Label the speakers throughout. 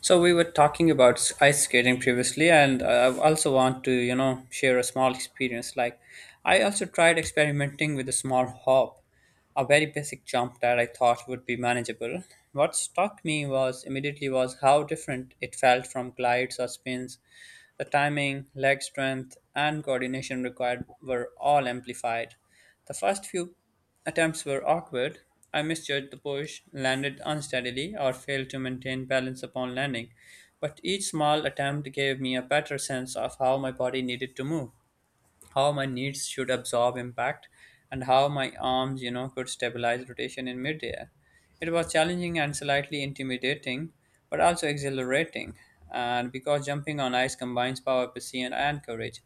Speaker 1: So we were talking about ice skating previously, and I also want to, share a small experience. I also tried experimenting with a small hop, a very basic jump that I thought would be manageable. What struck me was immediately was how different it felt from glides or spins. The timing, leg strength, and coordination required were all amplified. The first few attempts were awkward. I misjudged the push, landed unsteadily, or failed to maintain balance upon landing, but each small attempt gave me a better sense of how my body needed to move, how my knees should absorb impact, and how my arms could stabilize rotation in midair. It was challenging and slightly intimidating but also exhilarating, and because jumping on ice combines power, precision, and courage,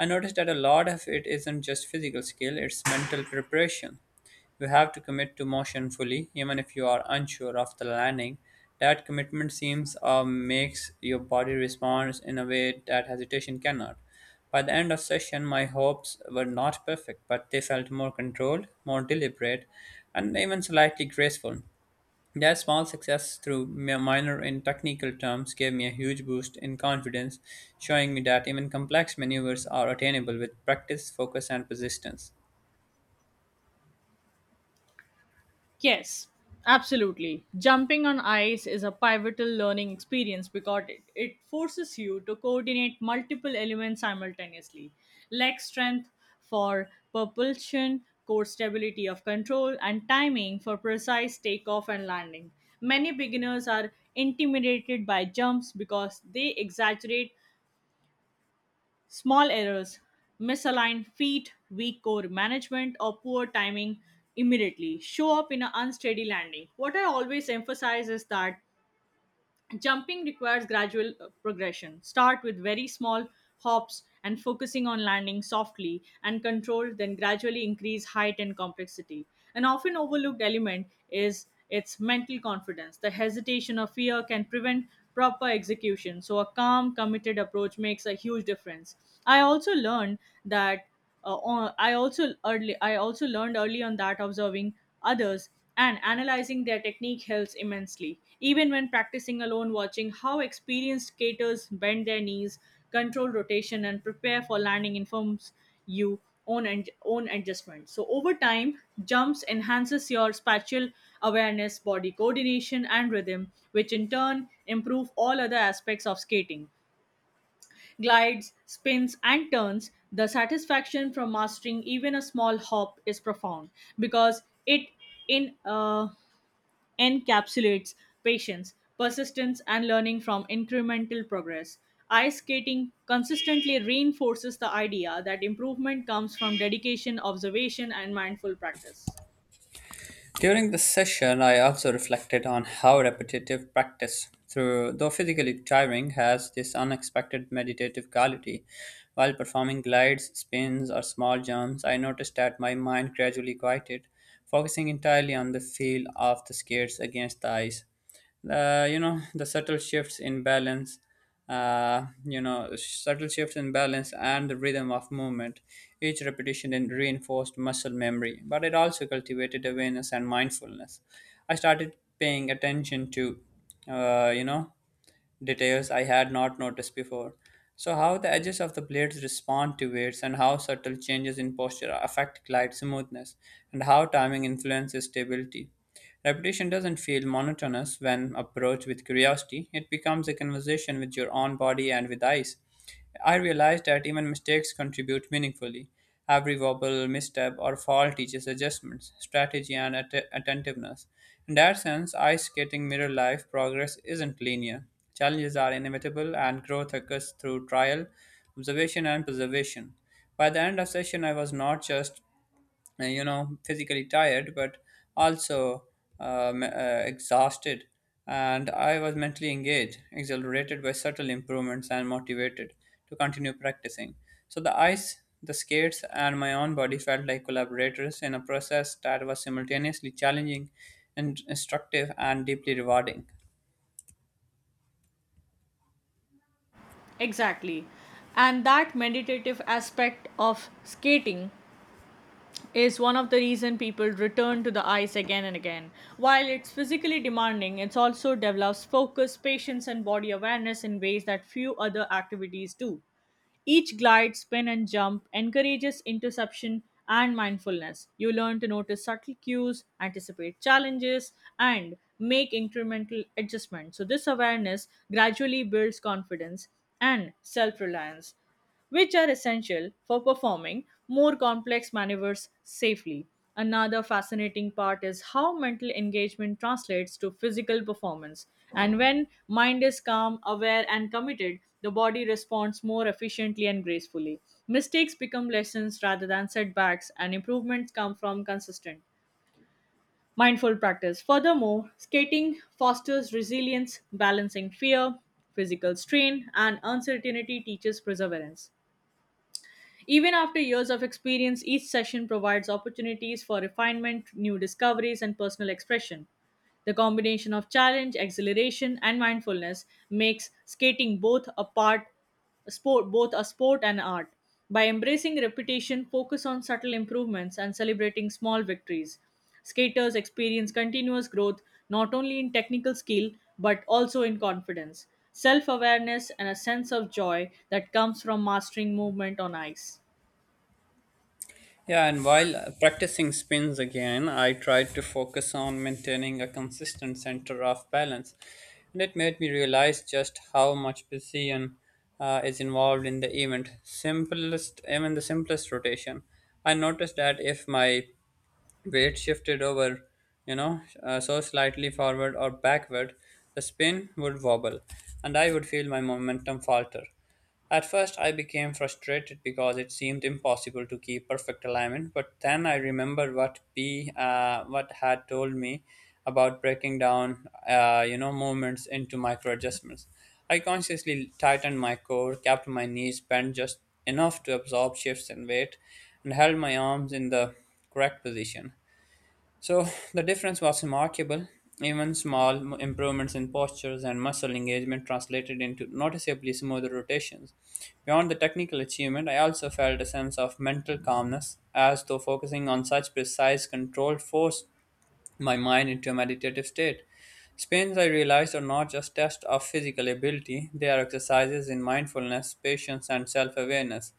Speaker 1: I noticed that a lot of it isn't just physical skill, it's mental preparation. You have to commit to motion fully, even if you are unsure of the landing. That commitment seems or makes your body respond in a way that hesitation cannot. By the end of session, my hopes were not perfect, but they felt more controlled, more deliberate, and even slightly graceful. That small success, through minor in technical terms, gave me a huge boost in confidence, showing me that even complex maneuvers are attainable with practice, focus, and persistence.
Speaker 2: Yes, absolutely. Jumping on ice is a pivotal learning experience because it forces you to coordinate multiple elements simultaneously, leg strength for propulsion, core stability of control, and timing for precise takeoff and landing. Many beginners are intimidated by jumps because they exaggerate small errors, misaligned feet, weak core management, or poor timing immediately show up in an unsteady landing. What I always emphasize is that jumping requires gradual progression. Start with very small hops and focusing on landing softly and controlled, then gradually increase height and complexity. An often overlooked element is its mental confidence. The hesitation or fear can prevent proper execution, so a calm, committed approach makes a huge difference. I also learned that on- I also early I also learned early on that observing others and analyzing their technique helps immensely. Even when practicing alone, watching how experienced skaters bend their knees, control rotation, and prepare for landing informs you own and own adjustment. So over time, jumps enhances your spatial awareness, body coordination, and rhythm, which in turn improve all other aspects of skating, glides, spins, and turns. The satisfaction from mastering even a small hop is profound because it in encapsulates patience, persistence, and learning from incremental progress. Ice skating consistently reinforces the idea that improvement comes from dedication, observation, and mindful practice.
Speaker 1: During the session, I also reflected on how repetitive practice, though physically tiring, has this unexpected meditative quality. While performing glides, spins, or small jumps, I noticed that my mind gradually quieted, focusing entirely on the feel of the skates against the ice, the subtle shifts in balance, subtle shifts in balance and the rhythm of movement. Each repetition then reinforced muscle memory, but it also cultivated awareness and mindfulness. I started paying attention to, uh, you know details I had not noticed before. So, how the edges of the blades respond to weights, and how subtle changes in posture affect glide smoothness, and how timing influences stability. Repetition doesn't feel monotonous when approached with curiosity, it becomes a conversation with your own body and with eyes. I realized that even mistakes contribute meaningfully. Every wobble, misstep, or fall teaches adjustments, strategy, and attentiveness. In that sense, ice skating mirror life progress isn't linear. Challenges are inevitable, and growth occurs through trial, observation, and preservation. By the end of session, I was not just physically tired but also exhausted, and I was mentally engaged, exhilarated by subtle improvements and motivated to continue practicing. So the ice, the skates, and my own body felt like collaborators in a process that was simultaneously challenging and instructive and deeply rewarding.
Speaker 2: Exactly. And that meditative aspect of skating is one of the reason people return to the ice again and again. While it's physically demanding, it also develops focus, patience, and body awareness in ways that few other activities do. Each glide, spin, and jump encourages interception and mindfulness. You learn to notice subtle cues, anticipate challenges, and make incremental adjustments. So this awareness gradually builds confidence and self reliance which are essential for performing more complex maneuvers safely. Another fascinating part is how mental engagement translates to physical performance. And when mind is calm, aware, and committed, the body responds more efficiently and gracefully. Mistakes become lessons rather than setbacks, and improvements come from consistent mindful practice. Furthermore, skating fosters resilience, balancing fear, physical strain, and uncertainty teaches perseverance. Even after years of experience, each session provides opportunities for refinement, new discoveries, and personal expression. The combination of challenge, exhilaration, and mindfulness makes skating both a part a sport, both a sport and art. By embracing repetition, focus on subtle improvements and celebrating small victories, skaters experience continuous growth not only in technical skill but also in confidence, self awareness, and a sense of joy that comes from mastering movement on ice.
Speaker 1: Yeah, and while practicing spins again, I tried to focus on maintaining a consistent center of balance. And it made me realize just how much precision is involved in the event. Even the simplest rotation. I noticed that if my weight shifted over, so slightly forward or backward, the spin would wobble and I would feel my momentum falter. At first, I became frustrated because it seemed impossible to keep perfect alignment, but then I remembered what P what had told me about breaking down movements into micro adjustments. I consciously tightened my core, kept my knees bent just enough to absorb shifts in weight, and held my arms in the correct position. So the difference was remarkable. Even small improvements in postures and muscle engagement translated into noticeably smoother rotations. Beyond the technical achievement, I also felt a sense of mental calmness, as though focusing on such precise, controlled force my mind into a meditative state. Spins, I realized, are not just tests of physical ability, they are exercises in mindfulness, patience, and self awareness.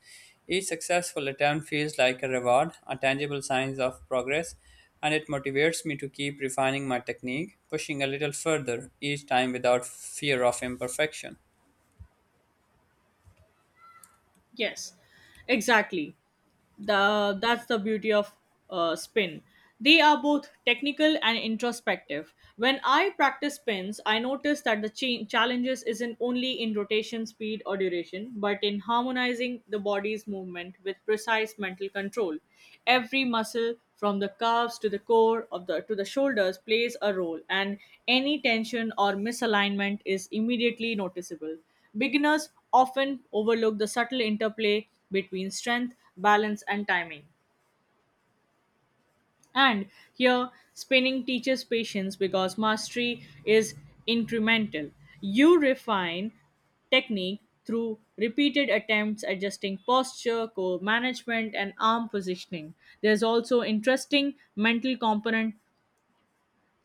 Speaker 1: Each successful attempt feels like a reward, a tangible sign of progress, and it motivates me to keep refining my technique, pushing a little further each time without fear of imperfection.
Speaker 2: Yes, exactly. The That's the beauty of spin. They are both technical and introspective. When I practice spins, I notice that the challenges isn't only in rotation speed or duration, but in harmonizing the body's movement with precise mental control. Every muscle from the calves to the core of the to the shoulders plays a role, and any tension or misalignment is immediately noticeable. Beginners often overlook the subtle interplay between strength, balance, and timing. And here, spinning teaches patience because mastery is incremental. You refine technique through repeated attempts adjusting posture, core management, and arm positioning. There's also interesting mental component.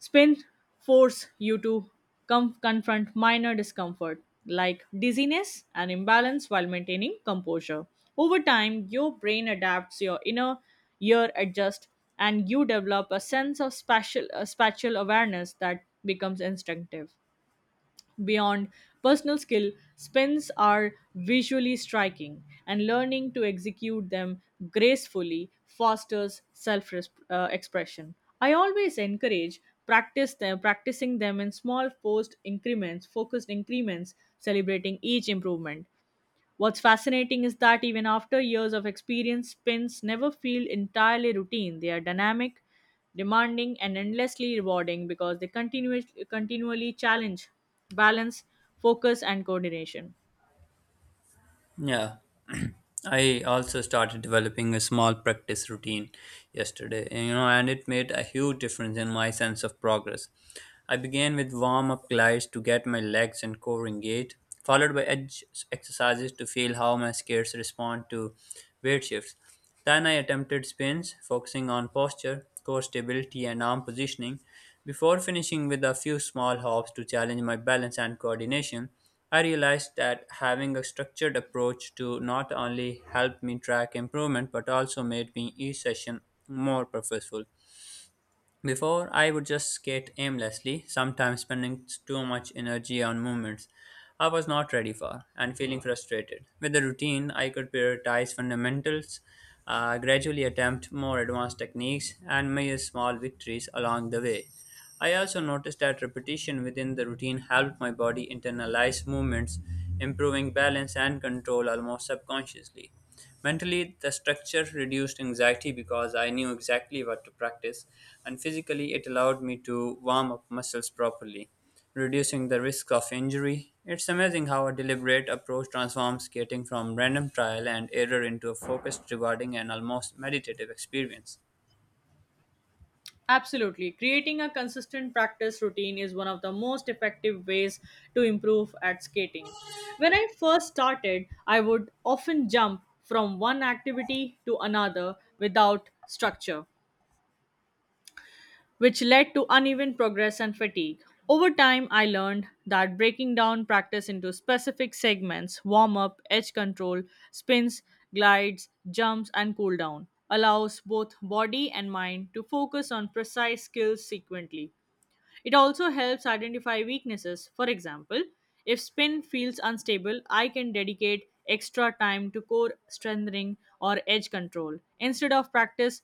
Speaker 2: Spin force you to confront minor discomfort like dizziness and imbalance while maintaining composure. Over time, your brain adapts, your inner ear adjusts, and you develop a sense of spatial awareness that becomes instinctive. Beyond personal skill, spins are visually striking, and learning to execute them gracefully fosters self expression. I always practicing them in focused increments, celebrating each improvement. What's fascinating is that even after years of experience, spins never feel entirely routine. They are dynamic, demanding, and endlessly rewarding because they continually challenge balance, focus, and coordination.
Speaker 1: Yeah, I also started developing a small practice routine yesterday, and, and it made a huge difference in my sense of progress. I began with warm up glides to get my legs and core engaged, followed by edge exercises to feel how my skates respond to weight shifts. Tanai attempted spins, focusing on posture, core stability, and arm positioning, before finishing with a few small hops to challenge my balance and coordination. I realized that having a structured approach to not only help me track improvement but also made me each session more purposeful. Before, I would just skate aimlessly, sometimes spending too much energy on movements I was not ready for and feeling frustrated. With the routine, I could prioritize fundamentals, gradually attempt more advanced techniques, and measure small victories along the way. I also noticed that repetition within the routine helped my body internalize movements, improving balance and control almost subconsciously. Mentally, the structure reduced anxiety because I knew exactly what to practice, and physically, it allowed me to warm up muscles properly, reducing the risk of injury. It's amazing how a deliberate approach transforms skating from random trial and error into a focused, rewarding, and almost meditative experience.
Speaker 2: Absolutely. Creating a consistent practice routine is one of the most effective ways to improve at skating. When I first started, I would often jump from one activity to another without structure, which led to uneven progress and fatigue. Over time, I learned that breaking down practice into specific segments, warm up, edge control, spins, glides, jumps, and cool down allows both body and mind to focus on precise skills sequentially. It also helps identify weaknesses. For example, if spin feels unstable, I can dedicate extra time to core strengthening or edge control instead of practice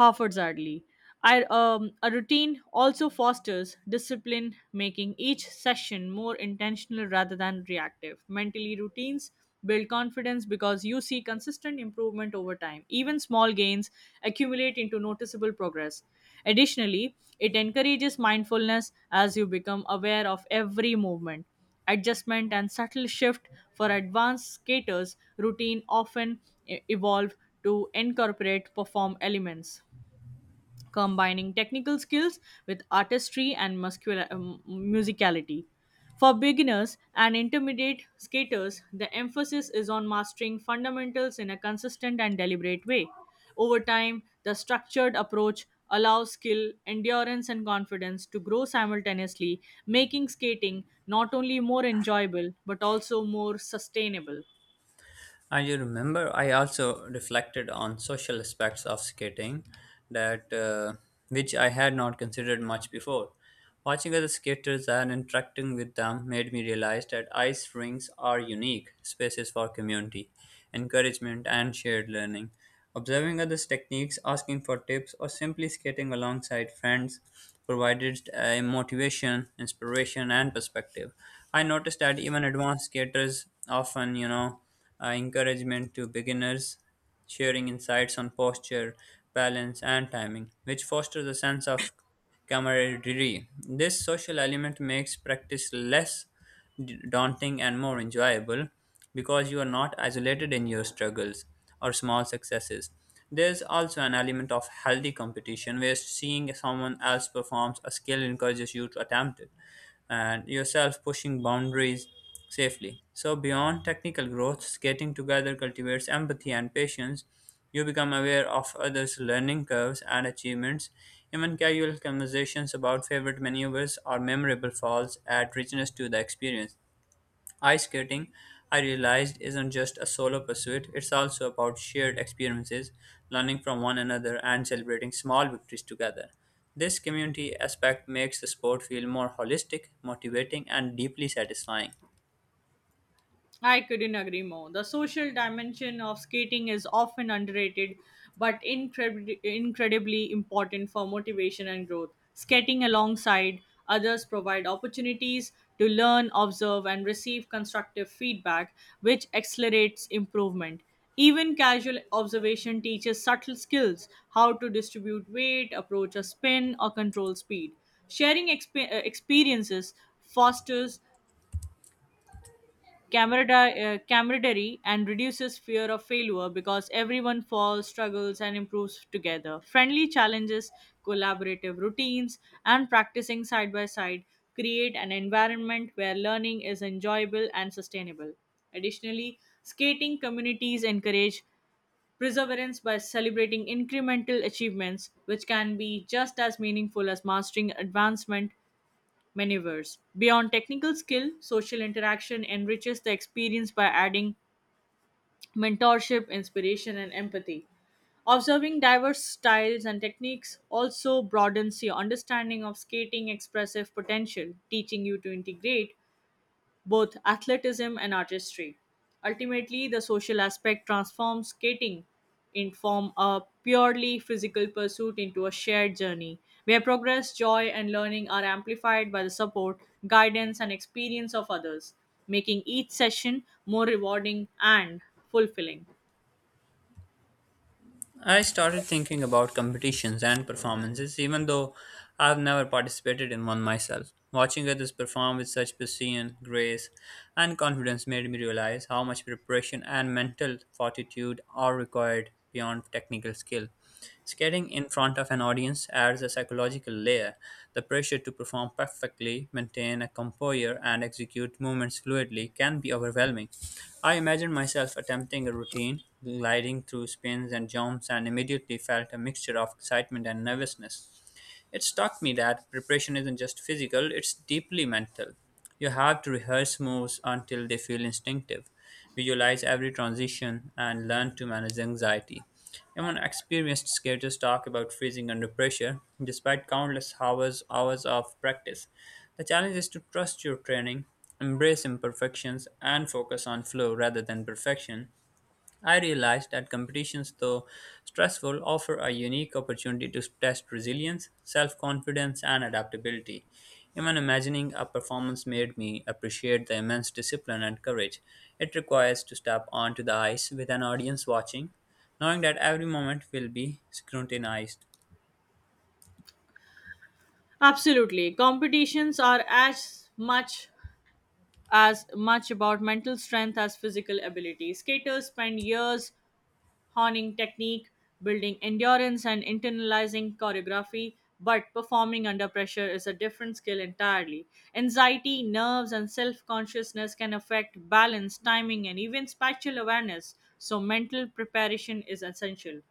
Speaker 2: Harford Zadley. A routine also fosters discipline, making each session more intentional rather than reactive. Mentally, routines build confidence because you see consistent improvement over time. Even small gains accumulate into noticeable progress. Additionally, it encourages mindfulness as you become aware of every movement adjustment and subtle shift. For advanced skaters routine often evolve to incorporate perform elements combining technical skills with artistry and musicality. For beginners and intermediate skaters, the emphasis is on mastering fundamentals in a consistent and deliberate way. Over time, the structured approach allows skill, endurance, and confidence to grow simultaneously, making skating not only more enjoyable but also more sustainable.
Speaker 1: And you remember, I also reflected on social aspects of skating that which I had not considered much before. Watching other skaters and interacting with them made me realize that ice rinks are unique spaces for community, encouragement, and shared learning. Observing others' techniques, asking for tips, or simply skating alongside friends provided motivation, inspiration, and perspective. I noticed that even advanced skaters often, encouragement to beginners, sharing insights on posture, balance, and timing, which fosters a sense of camaraderie. This social element makes practice less daunting and more enjoyable because you are not isolated in your struggles or small successes. There's also an element of healthy competition where seeing someone else performs a skill encourages you to attempt it and yourself pushing boundaries safely. So, beyond technical growth, skating together cultivates empathy and patience. You become aware of others' learning curves and achievements. Even casual conversations about favorite maneuvers or memorable falls add richness to the experience. Ice skating, I realized, isn't just a solo pursuit, it's also about shared experiences, learning from one another, and celebrating small victories together. This community aspect makes the sport feel more holistic, motivating, and deeply satisfying.
Speaker 2: I couldn't agree more. The social dimension of skating is often underrated, but incredibly important for motivation and growth. Skating alongside others provide opportunities to learn, observe, and receive constructive feedback, which accelerates improvement. Even casual observation teaches subtle skills, how to distribute weight, approach a spin, or control speed. Sharing experiences fosters camaraderie and reduces fear of failure because everyone falls, struggles, and improves together. Friendly challenges, collaborative routines, and practicing side by side create an environment where learning is enjoyable and sustainable. Additionally, skating communities encourage perseverance by celebrating incremental achievements, which can be just as meaningful as mastering advancement maneuvers. Beyond technical skill, social interaction enriches the experience by adding mentorship, inspiration, and empathy. Observing diverse styles and techniques also broadens your understanding of skating expressive potential, teaching you to integrate both athleticism and artistry. Ultimately, the social aspect transforms skating in from a purely physical pursuit into a shared journey where progress, joy, and learning are amplified by the support, guidance, and experience of others, making each session more rewarding and fulfilling.
Speaker 1: I started thinking about competitions and performances, even though I've never participated in one myself. Watching others perform with such precision, grace, and confidence made me realize how much preparation and mental fortitude are required beyond technical skill. Skating in front of an audience adds a psychological layer. The pressure to perform perfectly, maintain a composure, and execute movements fluidly can be overwhelming. I imagined myself attempting a routine, gliding through spins and jumps, and immediately felt a mixture of excitement and nervousness. It struck me that preparation isn't just physical, it's deeply mental. You have to rehearse moves until they feel instinctive, visualize every transition, and learn to manage anxiety. Even experienced skaters talk about freezing under pressure, despite countless hours of practice. The challenge is to trust your training, embrace imperfections, and focus on flow rather than perfection. I realized that competitions, though stressful, offer a unique opportunity to test resilience, self confidence, and adaptability. Even imagining a performance made me appreciate the immense discipline and courage it requires to step onto the ice with an audience watching, knowing that every moment will be scrutinized.
Speaker 2: Absolutely. Competitions are as much about mental strength as physical ability. Skaters spend years honing technique, building endurance, and internalizing choreography. But performing under pressure is a different skill entirely. Anxiety, nerves, and self consciousness can affect balance, timing, and even spatial awareness, so mental preparation is essential.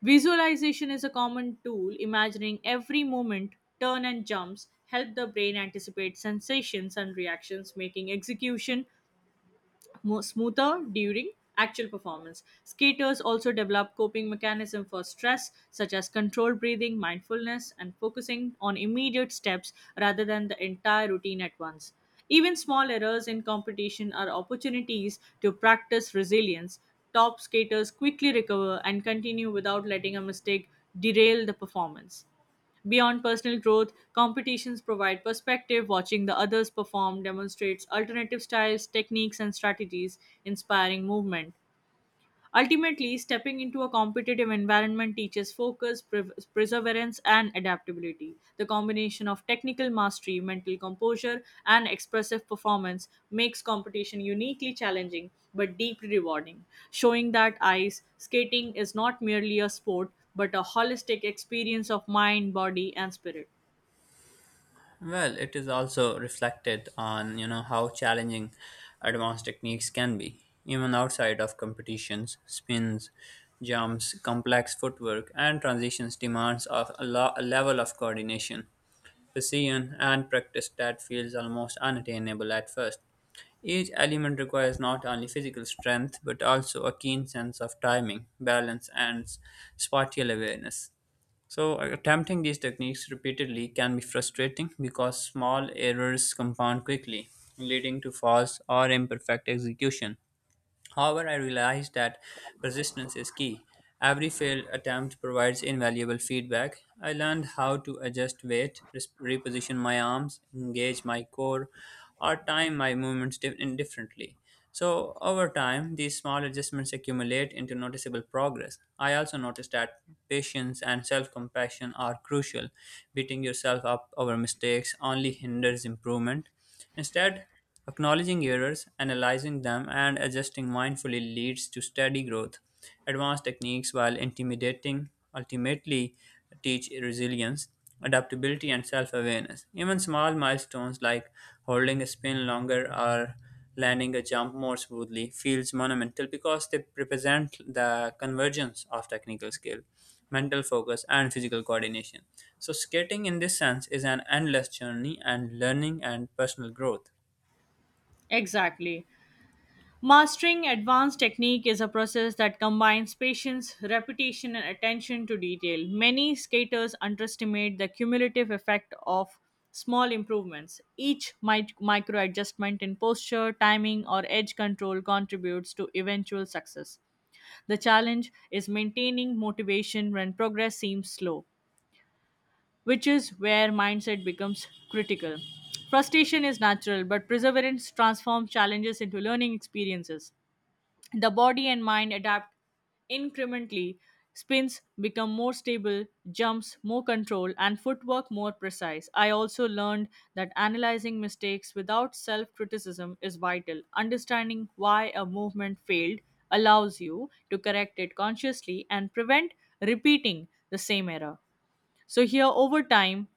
Speaker 2: Visualization is a common tool. Imagining every movement, turn, and jumps help the brain anticipate sensations and reactions, making execution smoother during actual performance. Skaters also develop coping mechanisms for stress, such as controlled breathing, mindfulness, and focusing on immediate steps rather than the entire routine at once. Even small errors in competition are opportunities to practice resilience. Top skaters quickly recover and continue without letting a mistake derail the performance. Beyond personal growth, competitions provide perspective. Watching the others perform demonstrates alternative styles, techniques, and strategies, inspiring movement. Ultimately, stepping into a competitive environment teaches focus, perseverance, and adaptability. The combination of technical mastery, mental composure, and expressive performance makes competition uniquely challenging but deeply rewarding, showing that ice skating is not merely a sport but a holistic experience of mind, body, and spirit.
Speaker 1: Well, it is also reflected on you know how challenging advanced techniques can be, even outside of competitions. Spins, jumps, complex footwork, and transitions demands of a level of coordination, precision, and practice that feels almost unattainable at first. Each element requires not only physical strength but also a keen sense of timing, balance, and spatial awareness. So, attempting these techniques repeatedly can be frustrating because small errors compound quickly, leading to false or imperfect execution. However, I realized that persistence is key. Every failed attempt provides invaluable feedback. I learned how to adjust weight, reposition my arms, engage my core, or time my movements differently. So, over time, these small adjustments accumulate into noticeable progress. I also noticed that patience and self compassion are crucial. Beating yourself up over mistakes only hinders improvement. Instead, acknowledging errors, analyzing them, and adjusting mindfully leads to steady growth. Advanced techniques, while intimidating, ultimately teach resilience, adaptability, and self awareness. Even small milestones like holding a spin longer or landing a jump more smoothly feels monumental because they represent the convergence of technical skill, mental focus, and physical coordination. So, skating in this sense is an endless journey and learning and personal growth.
Speaker 2: Exactly. Mastering advanced technique is a process that combines patience, repetition, and attention to detail. Many skaters underestimate the cumulative effect of small improvements. Each micro adjustment in posture, timing, or edge control contributes to eventual success. The challenge is maintaining motivation when progress seems slow, which is where mindset becomes critical. Frustration is natural, but perseverance transforms challenges into learning experiences. The body and mind adapt incrementally. Spins become more stable, jumps more control, and footwork more precise. I also learned that analyzing mistakes without self criticism is vital. Understanding why a movement failed allows you to correct it consciously and prevent repeating the same error. So, here over time,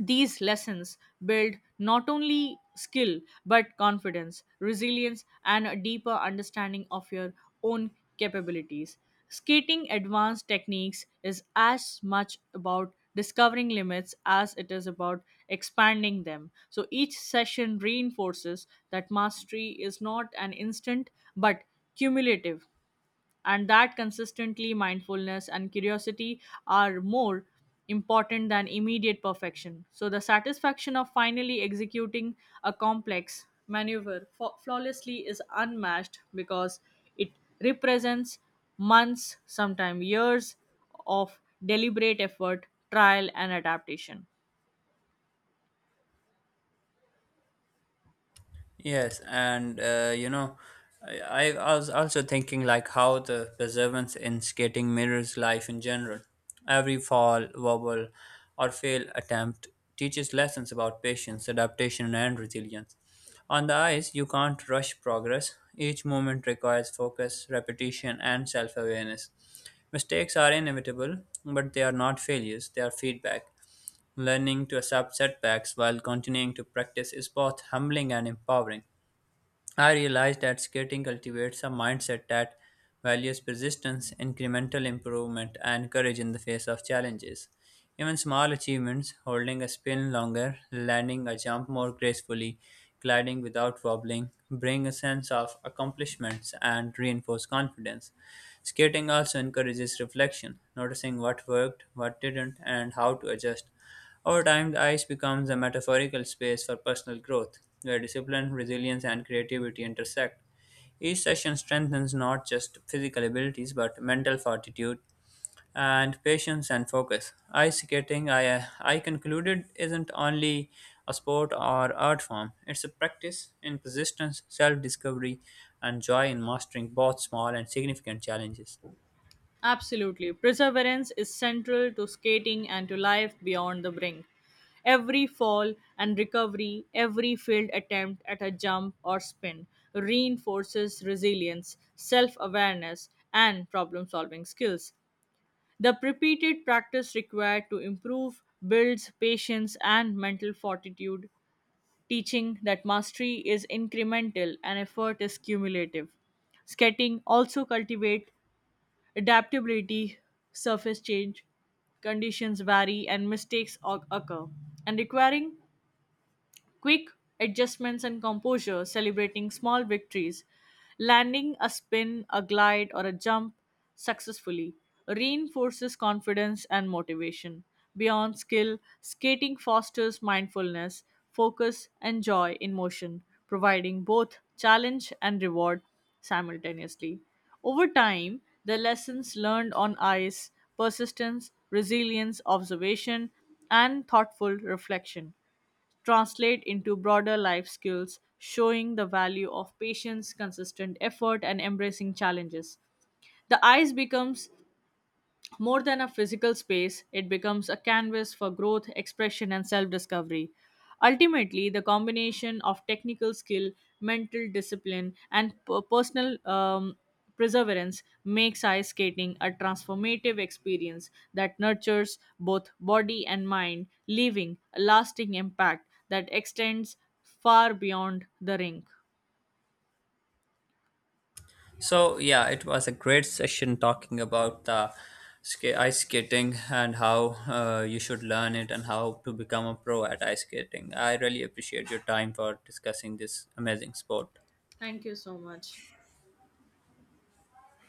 Speaker 2: these lessons build not only skill but confidence, resilience, and a deeper understanding of your own capabilities. Skating advanced techniques is as much about discovering limits as it is about expanding them. So each session reinforces that mastery is not an instant but cumulative, and that consistently mindfulness and curiosity are more important than immediate perfection. So the satisfaction of finally executing a complex maneuver flawlessly is unmatched because it represents months, sometimes years, of deliberate effort, trial, and adaptation.
Speaker 1: Yes, and I was also thinking like how the perseverance in skating mirrors life in general. Every fall, wobble, or fail attempt teaches lessons about patience, adaptation, and resilience. On the ice, you can't rush progress. Each moment requires focus, repetition, and self awareness. Mistakes are inevitable, but they are not failures, they are feedback. Learning to accept setbacks while continuing to practice is both humbling and empowering. I realized that skating cultivates a mindset that values persistence, incremental improvement, and courage in the face of challenges. Even small achievements, holding a spin longer, landing a jump more gracefully, gliding without wobbling, bring a sense of accomplishments and reinforce confidence. Skating also encourages reflection, noticing what worked, what didn't, and how to adjust. Over time, the ice becomes a metaphorical space for personal growth, where discipline, resilience, and creativity intersect. Each session strengthens not just physical abilities but mental fortitude, and patience and focus. Ice skating, I concluded, isn't only a sport or art form, it's a practice in persistence, self discovery, and joy in mastering both small and significant challenges.
Speaker 2: Absolutely. Perseverance is central to skating and to life beyond the brink. Every fall and recovery, every failed attempt at a jump or spin reinforces resilience, self awareness, and problem solving skills. The repeated practice required to improve builds patience and mental fortitude, teaching that mastery is incremental and effort is cumulative. Skating also cultivate adaptability, surface change, conditions vary, and mistakes occur, and requiring quick adjustments and composure, celebrating small victories, landing a spin, a glide, or a jump successfully, reinforces confidence and motivation. Beyond skill, skating fosters mindfulness, focus, and joy in motion, providing both challenge and reward simultaneously. Over time, the lessons learned on ice, persistence, resilience, observation, and thoughtful reflection translate into broader life skills, showing the value of patience, consistent effort, and embracing challenges. The ice becomes more than a physical space, it becomes a canvas for growth, expression, and self discovery. Ultimately, the combination of technical skill, mental discipline, and personal perseverance makes ice skating a transformative experience that nurtures both body and mind, leaving a lasting impact that extends far beyond the rink.
Speaker 1: So, yeah, it was a great session talking about the ice skating and how you should learn it and how to become a pro at ice skating. I really appreciate your time for discussing this amazing sport.
Speaker 2: Thank you so much.